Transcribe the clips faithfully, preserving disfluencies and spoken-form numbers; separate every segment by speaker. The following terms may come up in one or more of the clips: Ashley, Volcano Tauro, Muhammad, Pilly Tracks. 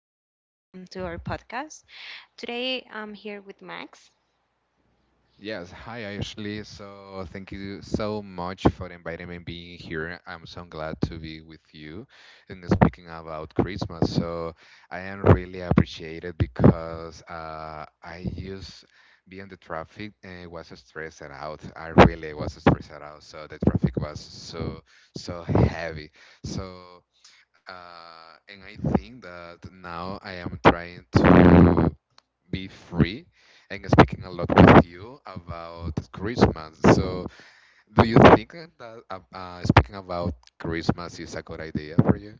Speaker 1: speaking. Welcome to our podcast. Today, I'm here with Max.
Speaker 2: Yes, hi Ashley. So thank you so much for inviting me being here. I'm so glad to be with you. And speaking about Christmas, so I am really appreciated because uh, I used being the traffic and was stressed out. I really was stressed out. So the traffic was so so heavy. So uh, and I think that now I am trying to be free and speaking a lot with you about Christmas. So, do you think that uh, uh, speaking about Christmas is a good idea for you?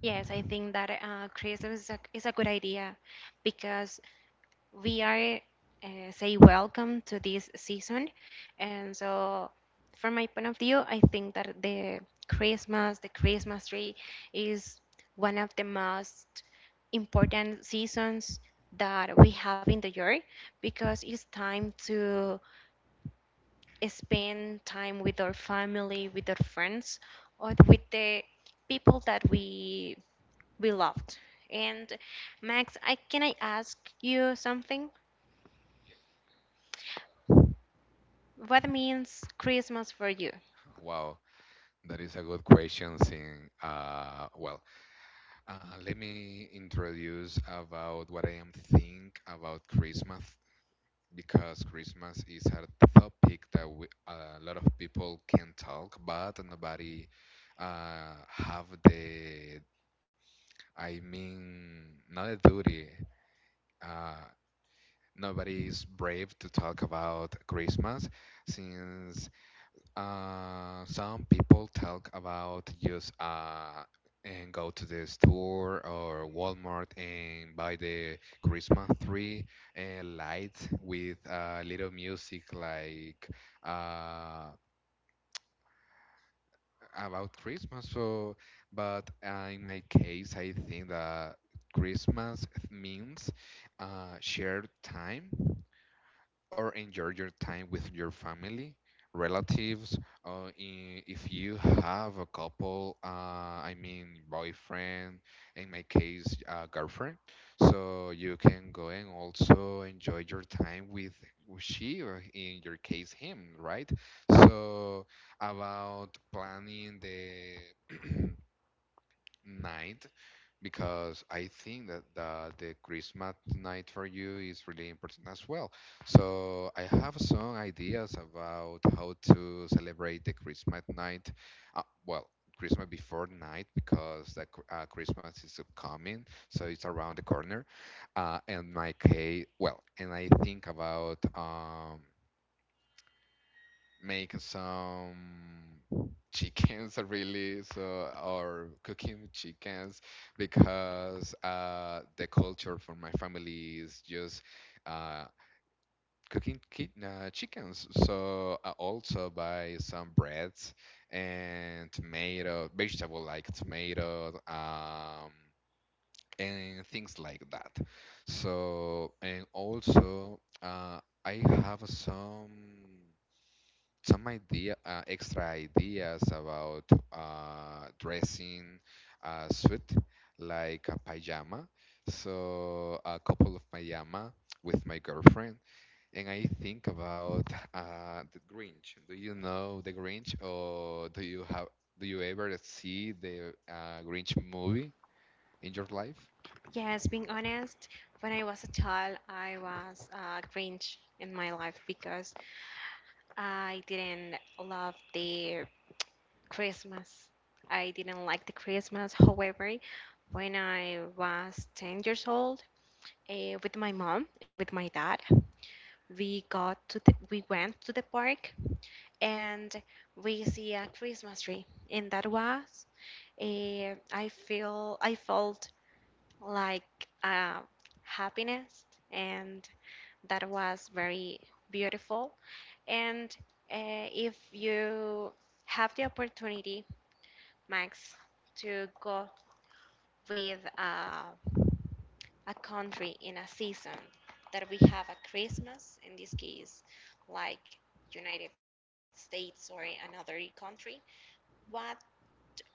Speaker 1: Yes, I think that uh, Christmas is a, is a good idea because we are uh, say welcome to this season, and so from my point of view, I think that the Christmas, the Christmas tree, is one of the most important seasons that we have in the year because it's time to spend time with our family, with our friends, or with the people that we we loved. And Max, I can I ask you something? What means Christmas for you?
Speaker 2: Wow, that is a good question. Seeing, uh, well, uh, let me introduce about what I am think about Christmas, because Christmas is a topic that we, a lot of people can talk, but nobody uh, have the I mean, not a duty. Uh, Nobody is brave to talk about Christmas, since uh, some people talk about just uh, and go to the store or Walmart and buy the Christmas tree and lights with uh, little music like uh, about Christmas. So, but uh, in my case, I think that Christmas means uh, shared time or enjoy your time with your family, relatives, or i- if you have a couple, uh, I mean boyfriend, in my case, uh, girlfriend. So you can go and also enjoy your time with she, or in your case, him, right? So about planning the night, because I think that the, the Christmas night for you is really important as well. So I have some ideas about how to celebrate the Christmas night. Uh, well, Christmas before night, because the cr- uh, Christmas is upcoming, so it's around the corner. Uh, in my case, well, and I think about um, make some chickens really so, or cooking chickens, because uh the culture for my family is just uh cooking ki- uh, chickens. So I also buy some breads and tomato vegetable like tomato um and things like that. So and also uh I have some some idea, uh, extra ideas about uh, dressing a suit like a pajama, so a couple of pajama with my girlfriend. And I think about uh, the Grinch. Do you know the Grinch, or do you have, do you ever see the uh, Grinch movie in your life?
Speaker 1: Yes, being honest, when I was a child, I was a Grinch in my life because I didn't love the Christmas. I didn't like the Christmas. However, when I was ten years old, uh, with my mom and with my dad. We got to the, we went to the park and we see a Christmas tree, and that was uh, I feel I felt like uh, happiness, and that was very beautiful. And uh, if you have the opportunity, Max, to go with a a country in a season that we have a Christmas, in this case, like United States or another country, what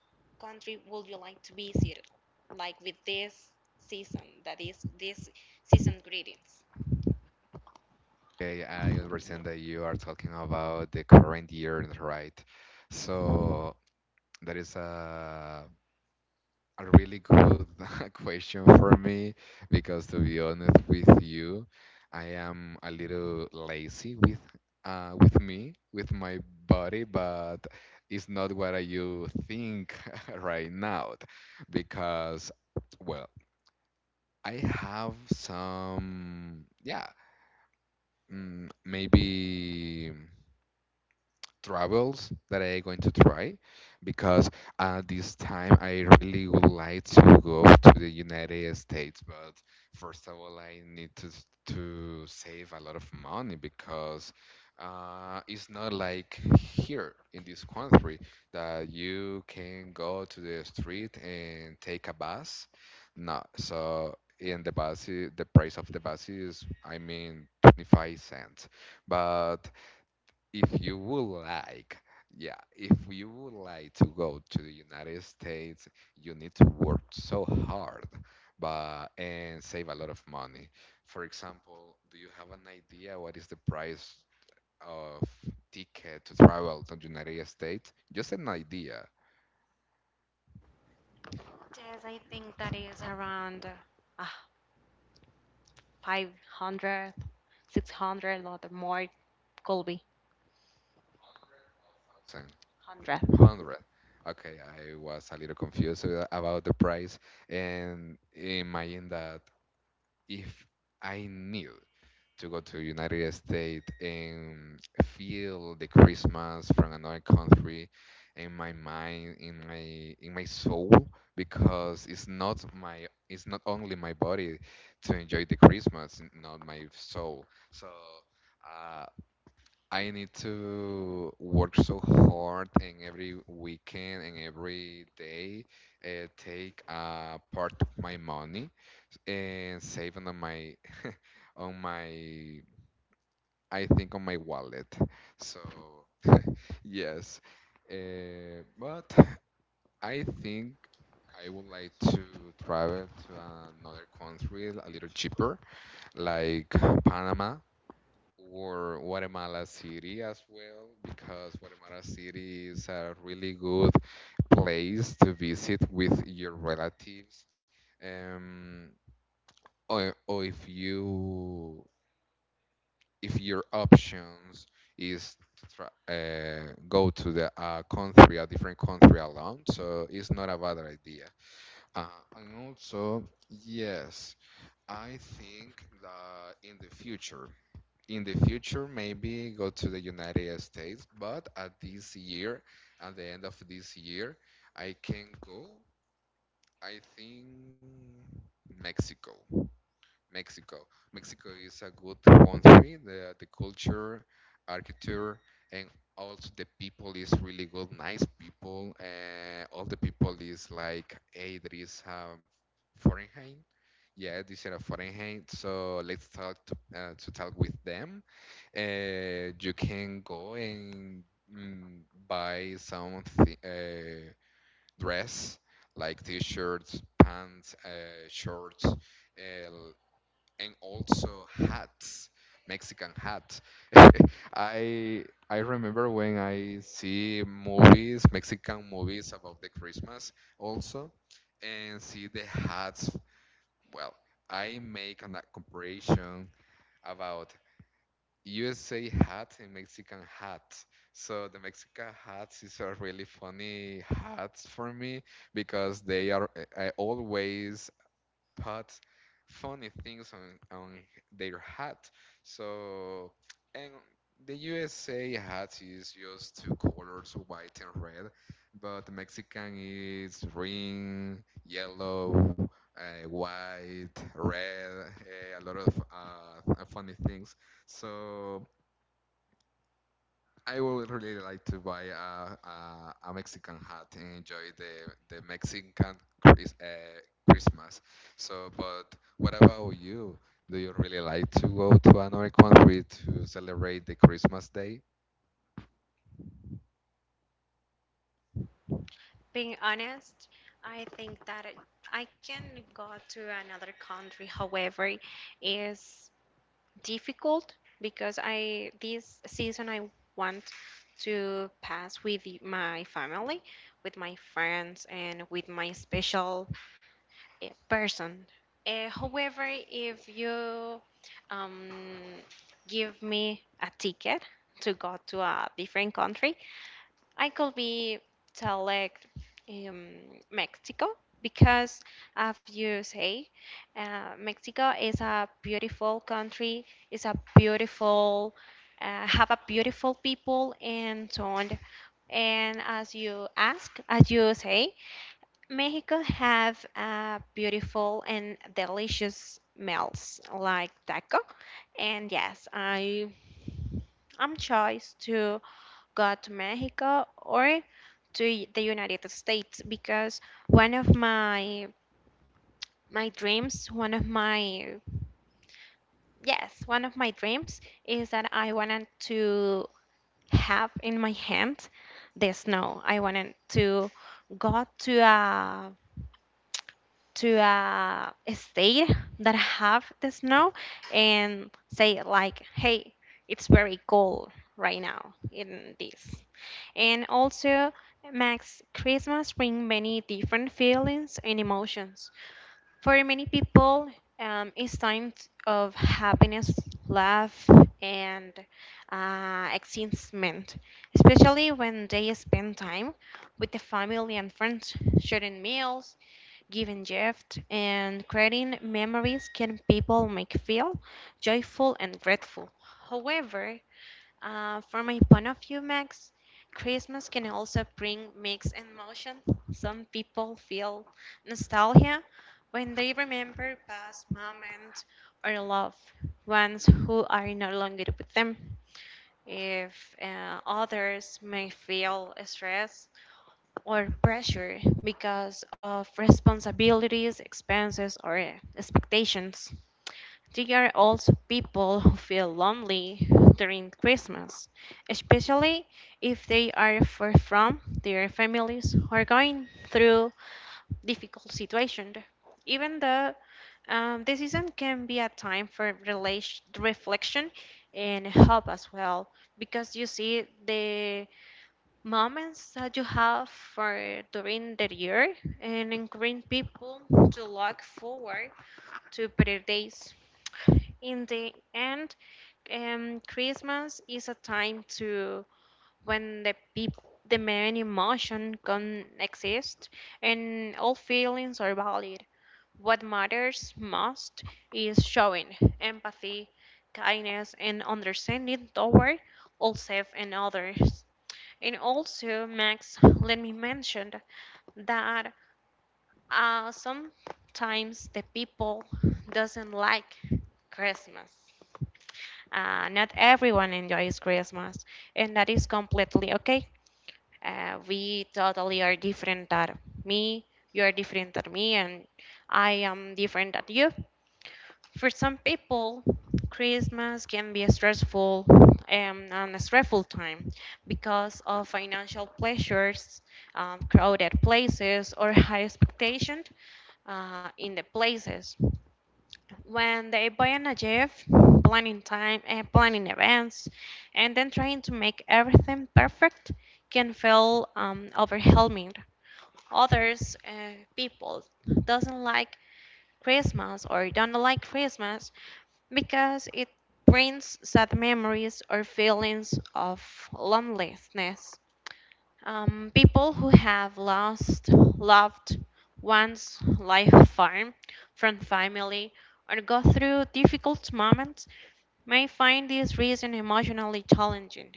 Speaker 1: country would you like to visit, like with this season, that is this season greetings?
Speaker 2: Okay, I understand that you are talking about the current year, right? So that is a a really good question for me, because to be honest with you, I am a little lazy with uh, with me, with my body, but it's not what you think right now, because well, I have some yeah, mm, maybe travels that I going to try, because uh, this time I really would like to go to the United States, but first of all, I need to s- to save a lot of money, because uh, it's not like here in this country that you can go to the street and take a bus. No, so in the bus, i- the price of the bus is, I mean, twenty-five cents. But if you would like, yeah, if you would like to go to the United States, you need to work so hard, but and save a lot of money. For example, do you have an idea what is the price of ticket to travel to the United States? Just an idea.
Speaker 1: Yes, I think that is around uh, five hundred, six hundred, or more, could be
Speaker 2: Thousand,
Speaker 1: one hundred.
Speaker 2: hundred. Okay, I was a little confused about the price, and imagine that if I knew to go to United States and feel the Christmas from another country in my mind, in my in my soul, because it's not my, it's not only my body to enjoy the Christmas, not my soul. So uh, I need to work so hard and every weekend and every day, uh, take a part of my money and save on my on my, I think on my wallet. So yes, uh, but I think I would like to travel to another country a little cheaper, like Panama or Guatemala City as well, because Guatemala City is a really good place to visit with your relatives. Um, or, or if you, if your options is to try, uh, go to the uh, country, a different country alone. So it's not a bad idea. Uh, and also, yes, I think that in the future, in the future, maybe go to the United States, but at this year, at the end of this year, I can go, I think, Mexico. Mexico. Mexico is a good country. The the culture, architecture, and also the people is really good, nice people. Uh, all the people is like, hey, there is a Fahrenheit. Yeah, this is a Fahrenheit. So let's talk to, uh, to talk with them. Uh, you can go and mm, buy some th- uh, dress like t-shirts, pants, uh, shorts, uh, and also hats, Mexican hats. I I remember when I see movies, Mexican movies about the Christmas also, and see the hats. Well, I make a comparison about U S A hat and Mexican hat. So the Mexican hats is a really funny hats for me, because they are I always put funny things on on their hat. So and the U S A hat is just two colors, white and red, but the Mexican is green, yellow, uh, white, red, uh, a lot of uh, funny things. So I would really like to buy a, a, a Mexican hat and enjoy the, the Mexican Chris, uh, Christmas. So, but what about you? Do you really like to go to another country to celebrate the Christmas day?
Speaker 1: Being honest, I think that it, I can go to another country. However, is difficult because I this season I want to pass with the- my family, with my friends, and with my special eh, person. Uh, however, if you um, give me a ticket to go to a different country, I could be select um, Mexico because, as you say, uh, Mexico is a beautiful country. It's a beautiful, uh, have a beautiful people and so on. And as you ask, as you say, Mexico have uh, beautiful and delicious meals like taco. And yes, I I'm choice to go to Mexico or to y- the United States because one of my my dreams, one of my yes, one of my dreams is that I wanted to have in my hand the snow. I wanted to go to a to a state that have the snow and say like, hey, it's very cold right now in this. And also makes Christmas bring many different feelings and emotions. For many people, um, it's times of happiness, love, and uh, excitement, especially when they spend time with the family and friends, sharing meals, giving gifts, and creating memories can people make feel joyful and grateful. However, uh, from my point of view, Max, Christmas can also bring mixed emotions. Some people feel nostalgia when they remember past moments or love ones who are no longer with them. If uh, others may feel stress or pressure because of responsibilities, expenses, or uh, expectations. There are also people who feel lonely during Christmas, especially if they are far from their families or going through difficult situations. Even though um, this season can be a time for relation, reflection and help as well, because you see the moments that you have for during the year and encouraging people to look forward to better days. In the end, um, Christmas is a time to when the peop- the main emotion can exist, and all feelings are valid. What matters most is showing empathy, kindness, and understanding toward all self and others. And also, Max, let me mention that uh, sometimes the people doesn't like Christmas. Uh, not everyone enjoys Christmas, and that is completely okay. Uh, we totally are different than me. You are different than me, and I am different than you. For some people, Christmas can be a stressful um, and a stressful time because of financial pressures, um, crowded places, or high expectation uh, in the places. When they buy an gift, planning time and planning events, and then trying to make everything perfect can feel um, overwhelming. Others, uh, people, doesn't like Christmas or don't like Christmas because it brings sad memories or feelings of loneliness. Um, people who have lost loved ones life farm from family or go through difficult moments may find this reason emotionally challenging.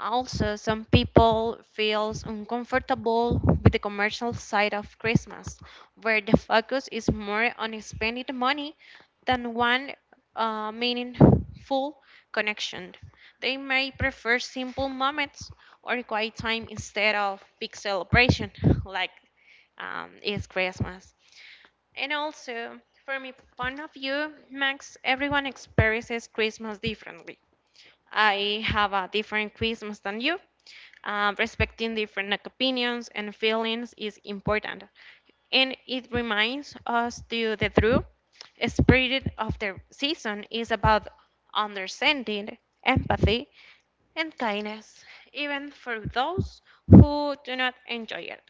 Speaker 1: Also, some people feels uncomfortable with the commercial side of Christmas, where the focus is more on spending the money than one uh, meaningful connection. They may prefer simple moments or quiet time instead of big celebration like um, is Christmas. And also, from my point of view, Max, everyone experiences Christmas differently. I have a different Christmas than you. Um, respecting different like, opinions and feelings is important, and it reminds us to the true spirit of the season is about understanding, empathy, and kindness, even for those who do not enjoy it.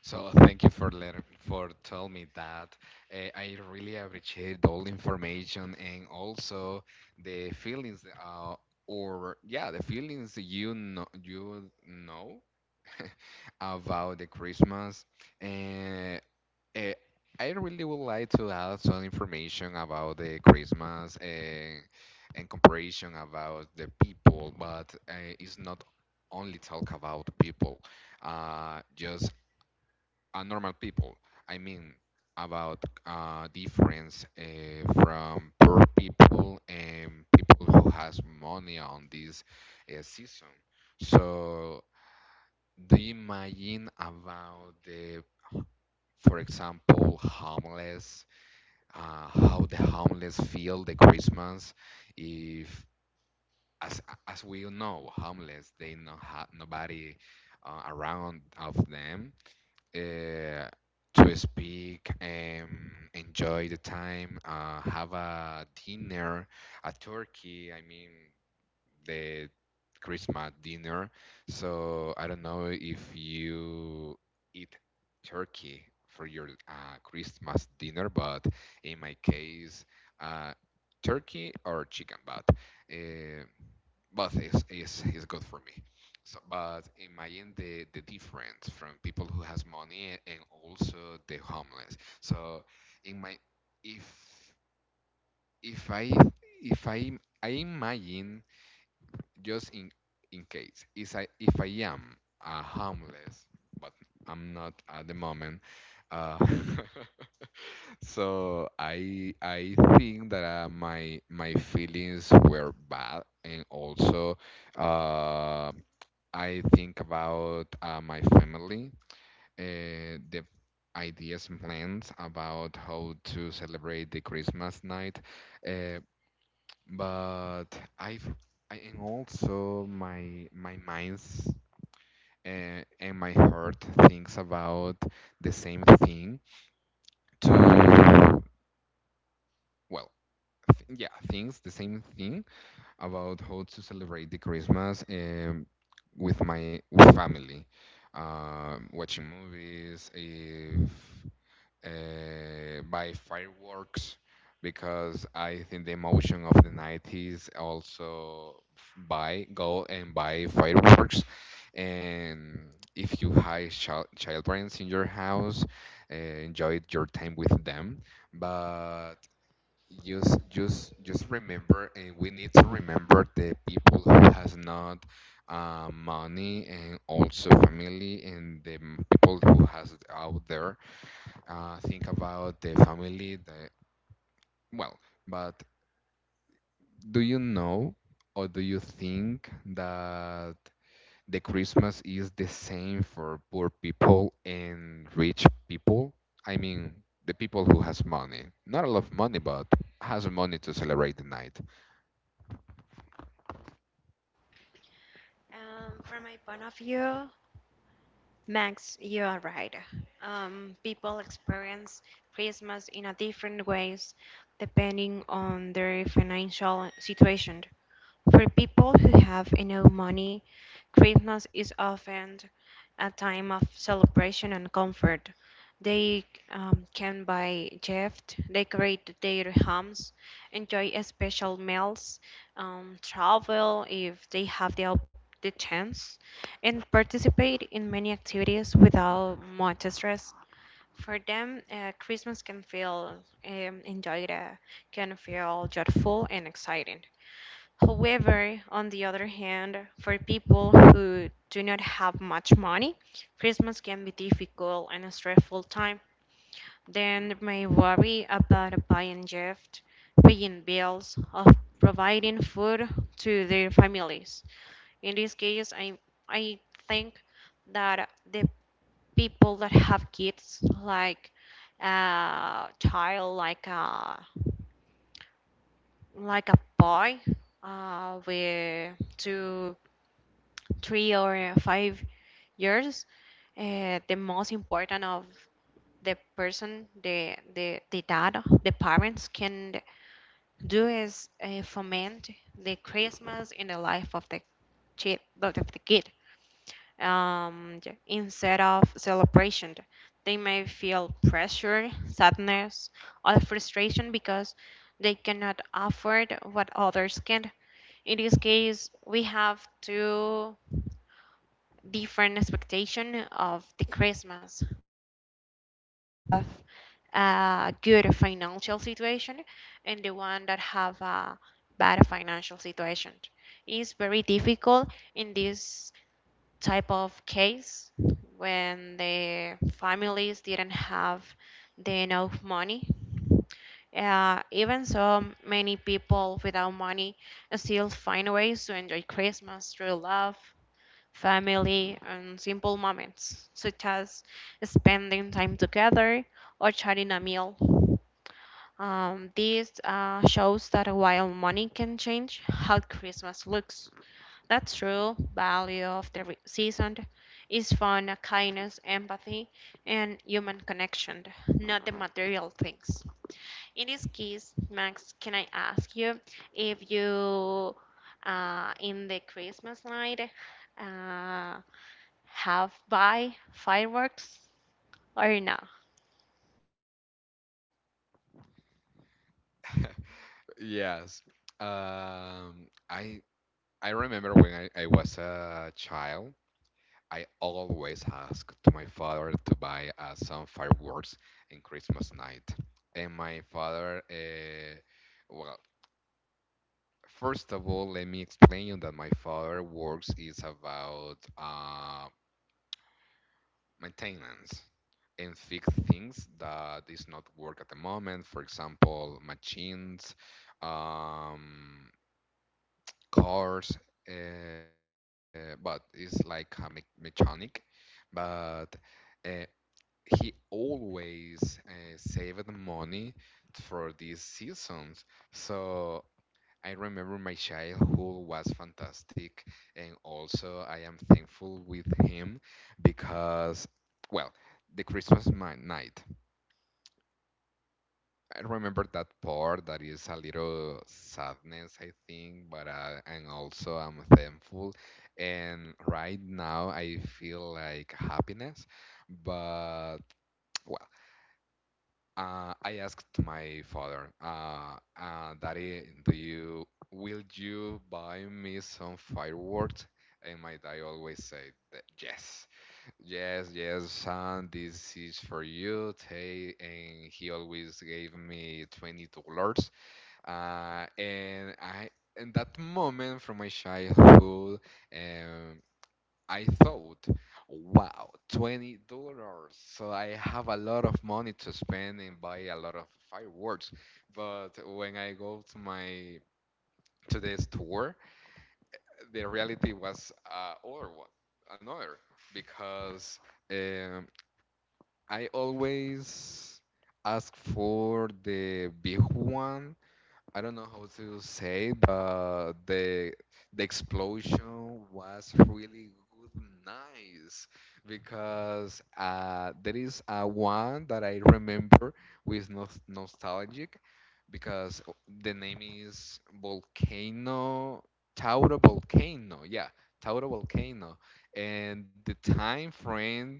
Speaker 2: So thank you for let, for telling me that. Uh, I really appreciate all the information and also the feelings, uh, or yeah, the feelings you know you know about the Christmas. And uh, I really would like to add some information about the Christmas and, and comparison about the people, but uh, it's not only talk about people, uh, just a normal people. I mean, about uh, difference uh, from poor people and people who has money on this uh, season. So do you imagine about the, for example, homeless, uh, how the homeless feel the Christmas? If, as as we all know, homeless, they not have nobody uh, around of them uh, to speak, um, enjoy the time, uh, have a dinner, a turkey. I mean, the Christmas dinner. So I don't know if you eat turkey for your uh, Christmas dinner, but in my case, uh, turkey or chicken, but uh, both is, is is good for me. So, but imagine the the difference from people who has money and also the homeless. So in my, if if I if I I imagine just in in case is I, if I am uh, homeless, but I'm not at the moment. Uh, so I I think that uh, my my feelings were bad, and also uh, I think about uh, my family, uh, the ideas and plans about how to celebrate the Christmas night. Uh, but I've I, and also my my mind's uh, and my heart thinks about the same thing to well th- yeah things the same thing about how to celebrate the Christmas, um, with my with family, uh, watching movies, if uh, by fireworks, because I think the emotion of the nineties also f- buy go and buy fireworks, and if you have child children in your house, uh, enjoy your time with them, but just just just remember, and we need to remember the people who has not uh, money and also family, and the m- people who has it out there, uh, think about the family. The, well, but do you know or do you think that the Christmas is the same for poor people and rich people? I mean, the people who has money, not a lot of money, but has money to celebrate the night.
Speaker 1: Um, from my point of view, Max, you are right. Um, people experience Christmas in a different ways depending on their financial situation. For people who have enough money, Christmas is often a time of celebration and comfort. They um, can buy gifts, decorate their homes, enjoy special meals, um, travel if they have the, op- the chance and participate in many activities without much stress. For them, uh, Christmas can feel um, enjoyed, uh, can feel joyful and exciting. However, on the other hand, for people who do not have much money, Christmas can be difficult and a stressful time. Then they may worry about buying gifts, paying bills, or providing food to their families. In this case, i i think that the people that have kids, like a child, like a like a boy uh, with two three or five years, uh, the most important of the person the the the dad the parents can do is uh, foment the Christmas in the life of the kid of the kid, um, yeah, instead of celebration. They may feel pressure, sadness, or frustration because they cannot afford what others can. In this case, we have two different expectation of the Christmas. The one that the people have a good financial situation and the one that have a bad financial situation. It's very difficult in this type of case when the families didn't have the enough money. Uh, even so, many people without money still find ways to enjoy Christmas through love, family, and simple moments, such as spending time together or sharing a meal. Um, this uh, shows that while money can change how Christmas looks, that true value of the re- season is fun, kindness, empathy, and human connection, not the material things. In this case, Max, can I ask you if you, uh, in the Christmas night, uh, have buy fireworks or no?
Speaker 2: Yes. Um, I I remember when I, I was a child, I always ask to my father to buy uh, some fireworks in Christmas night. And my father, uh, well, first of all, let me explain you that my father works is about uh, maintenance and fix things that is not work at the moment. For example, machines, um, cars, uh, but it's like a me- mechanic. But uh, he always uh, saved money for these seasons. So I remember my childhood was fantastic, and also I am thankful with him, because, well, the Christmas mi- night. I remember that part that is a little sadness, I think, but uh, and also I'm thankful. And right now I feel like happiness, but Uh, I asked my father, uh, uh, Daddy, do you, will you buy me some fireworks? And my dad always said, that, yes, yes, yes, son, this is for you. Take, and he always gave me twenty dollars. Uh, and I, in that moment from my childhood, um, I thought, wow, twenty dollars. So I have a lot of money to spend and buy a lot of fireworks. But when I go to my to the store, the reality was uh, other one, another, because um, I always ask for the big one. I don't know how to say, but the the explosion was really good, nice, because uh, there is a one that I remember with nos nostalgic, because the name is Volcano Tauro Volcano, yeah, Tauro Volcano, and the time frame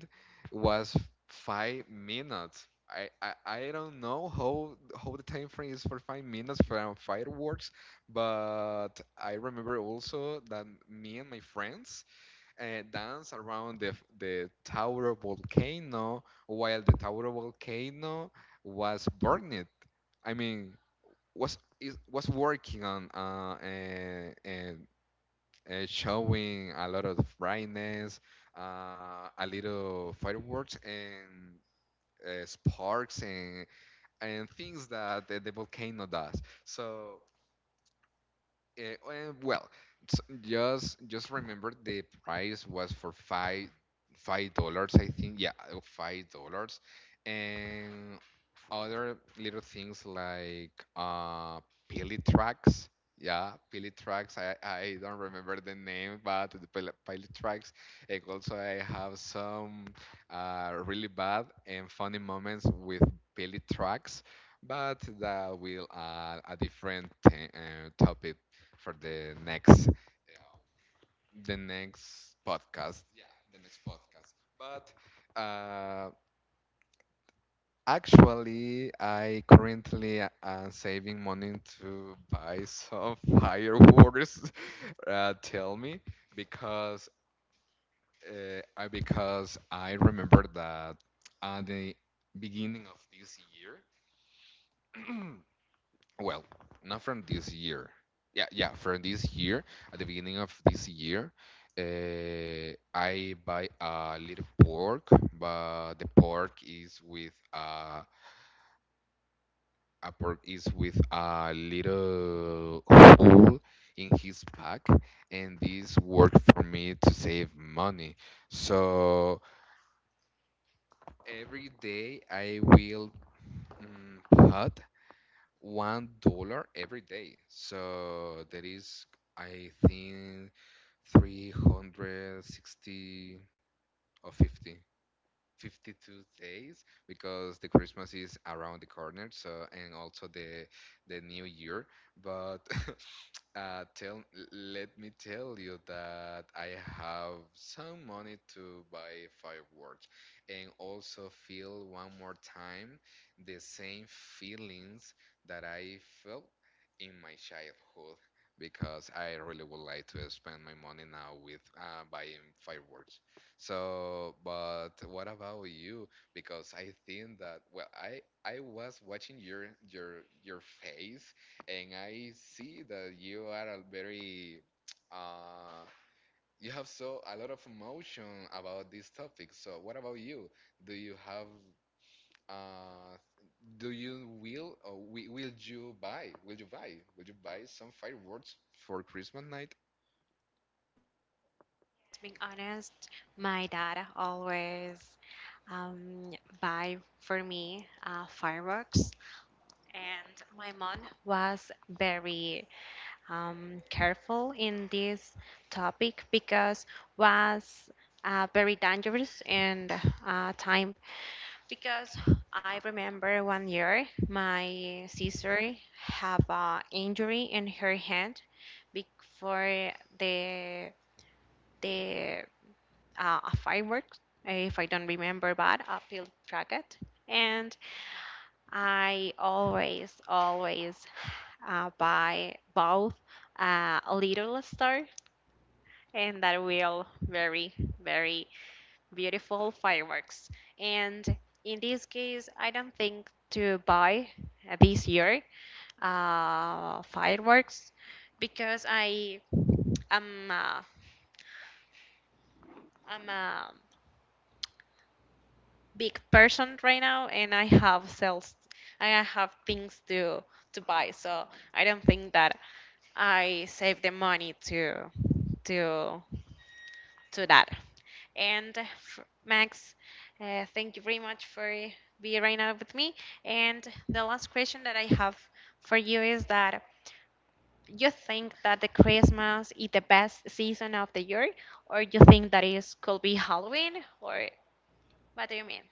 Speaker 2: was five minutes. I, I, I don't know how how the time frame is for five minutes from fireworks, but I remember also that me and my friends uh, dance around the f- the tower volcano while the tower volcano was burning. I mean, was is, was working on uh, and, and, and showing a lot of brightness, uh, a little fireworks and uh, sparks and and things that the, the volcano does. So Eh, eh, well, s- just just remember the price was for five five dollars, I think. Yeah, uh, five dollars, and other little things like uh Pilly Tracks. Yeah, Pilly Tracks. I, I don't remember the name, but the Pilly Pilly Tracks. And also, I have some uh, really bad and funny moments with Pilly Tracks, but that will uh, a different uh, topic for the next uh, the next podcast. Yeah, the next podcast. But uh, actually, I currently am saving money to buy some fireworks. Uh, tell me, because uh, I because I remember that at the beginning of this year, Well, not from this year. Yeah, yeah, from this year. At the beginning of this year, uh, I buy a little pork, but the pork is with a a pork is with a little hole in his back, and this worked for me to save money. So every day I will mm, put one dollar every day. So there is, I think, three hundred sixty or fifty, fifty-two days because the Christmas is around the corner. So, and also the the New Year. But Uh, tell, let me tell you that I have some money to buy fireworks and also feel one more time the same feelings that I felt in my childhood, because I really would like to spend my money now with uh, buying fireworks. So, but what about you? Because I think that, well, I I was watching your your your face and I see that you are a very uh, you have so a lot of emotion about this topic. So what about you? Do you have uh, do you will or wi- will you buy will you buy will you buy some fireworks for Christmas night?
Speaker 1: Yes, being honest, my dad always um, buy for me uh, fireworks. And my mom was very um, careful in this topic because was uh, very dangerous and uh, time. Because I remember one year my sister have a injury in her hand before the the uh, fireworks, if I don't remember bad, a field rocket. And I always, always uh, buy both uh, a little star and that will very, very beautiful fireworks. And in this case, I don't think to buy uh, this year uh, fireworks because I am a, I'm a big person right now and I have sales, I have things to to buy. So I don't think that I save the money to to to that. And f- Max, uh, thank you very much for being right now with me. And the last question that I have for you is that you think that the Christmas is the best season of the year, or you think that it could be Halloween, or what do you mean?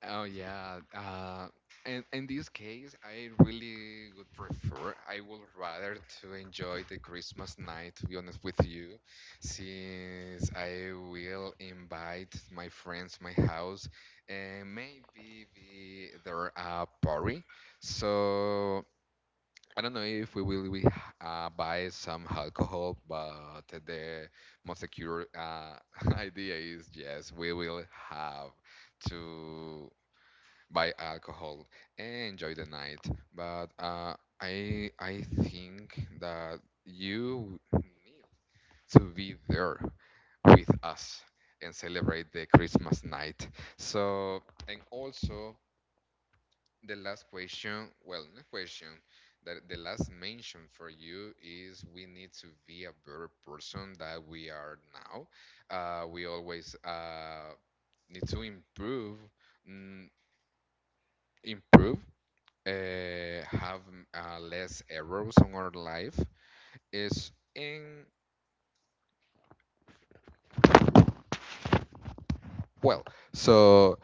Speaker 2: Oh yeah. Uh, and in this case, I really would prefer. I would rather to enjoy the Christmas night. To be honest with you, since I will invite my friends to my house and maybe be there a party. So I don't know if we will be, uh, buy some alcohol, but the most secure uh, idea is yes, we will have to by alcohol and enjoy the night. But uh, I I think that you need to be there with us and celebrate the Christmas night. So, and also the last question, well, not question. That the last mention for you is we need to be a better person that we are now. Uh, we always uh, need to improve, mm, improve uh, have mm, uh, less errors on our life is in well so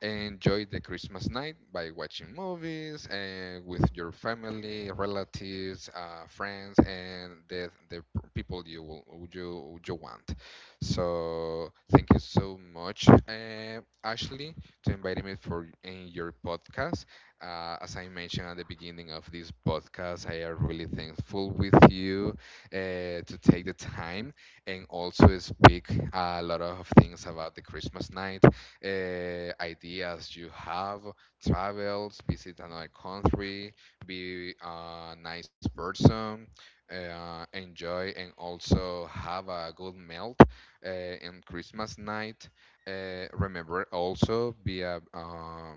Speaker 2: enjoy the Christmas night by watching movies and with your family, relatives, uh, friends, and the the people you will you you want. So thank you so much, uh, Ashley, to invite me for in your podcast. Uh, as I mentioned at the beginning of this podcast, I am really thankful with you uh, to take the time and also speak a lot of things about the Christmas night uh, ideas you have, travels, visit another country, be a nice person, uh, enjoy, and also have a good meal uh, in Christmas night. Uh, remember also be a uh,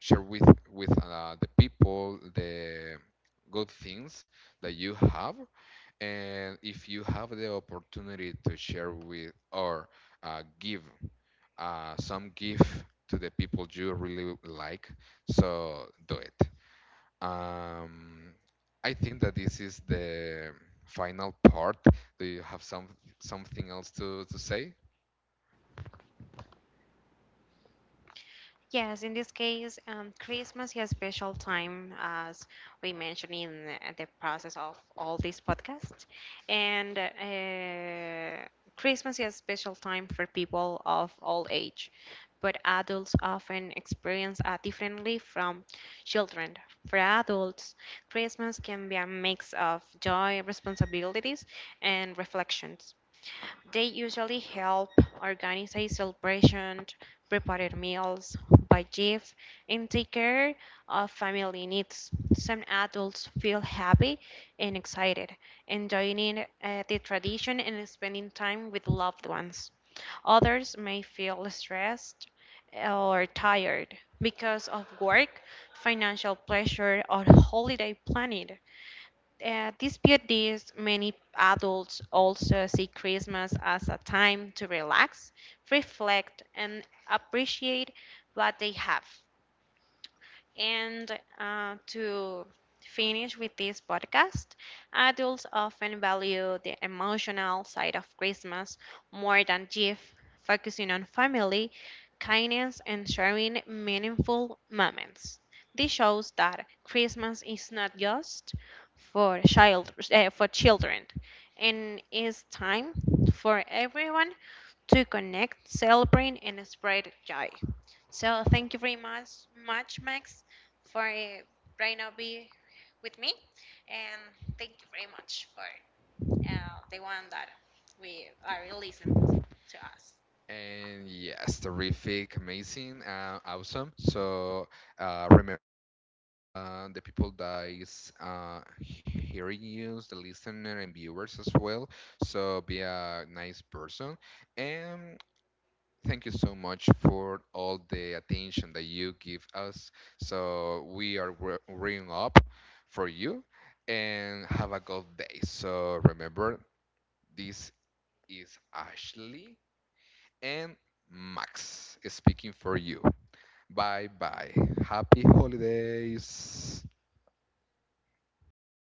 Speaker 2: share with with uh, the people the good things that you have, and if you have the opportunity to share with or uh, give uh, some gift to the people you really like. So do it. Um, I think that this is the final part. Do you have some something else to, to say?
Speaker 1: Yes, in this case, um, Christmas is a special time, as we mentioned in the the process of all this podcast. And uh, Christmas is a special time for people of all age, but adults often experience it differently from children. For adults, Christmas can be a mix of joy, responsibilities, and reflections. They usually help organize a celebration, prepare meals, buy gifts, and take care of family needs. Some adults feel happy and excited, enjoying uh, the tradition and spending time with loved ones. Others may feel stressed or tired because of work, financial pressure, or holiday planning. Uh, despite this, many adults also see Christmas as a time to relax, reflect, and appreciate what they have. And uh, to finish with this podcast, adults often value the emotional side of Christmas more than gift, focusing on family, kindness, and sharing meaningful moments. This shows that Christmas is not just for child uh, for children, and is time for everyone to connect, celebrate, and spread joy. So thank you very much, much Max, for uh, right now be with me, and thank you very much for uh, the one that we are listening to us.
Speaker 2: And yes, terrific, amazing, uh, awesome. So uh, remember uh, the people that is uh, hearing you, the listener and viewers as well. So be a nice person. And thank you so much for all the attention that you give us. So we are re- ringing up for you and have a good day. So remember, this is Ashley and Max speaking for you. Bye bye. Happy holidays.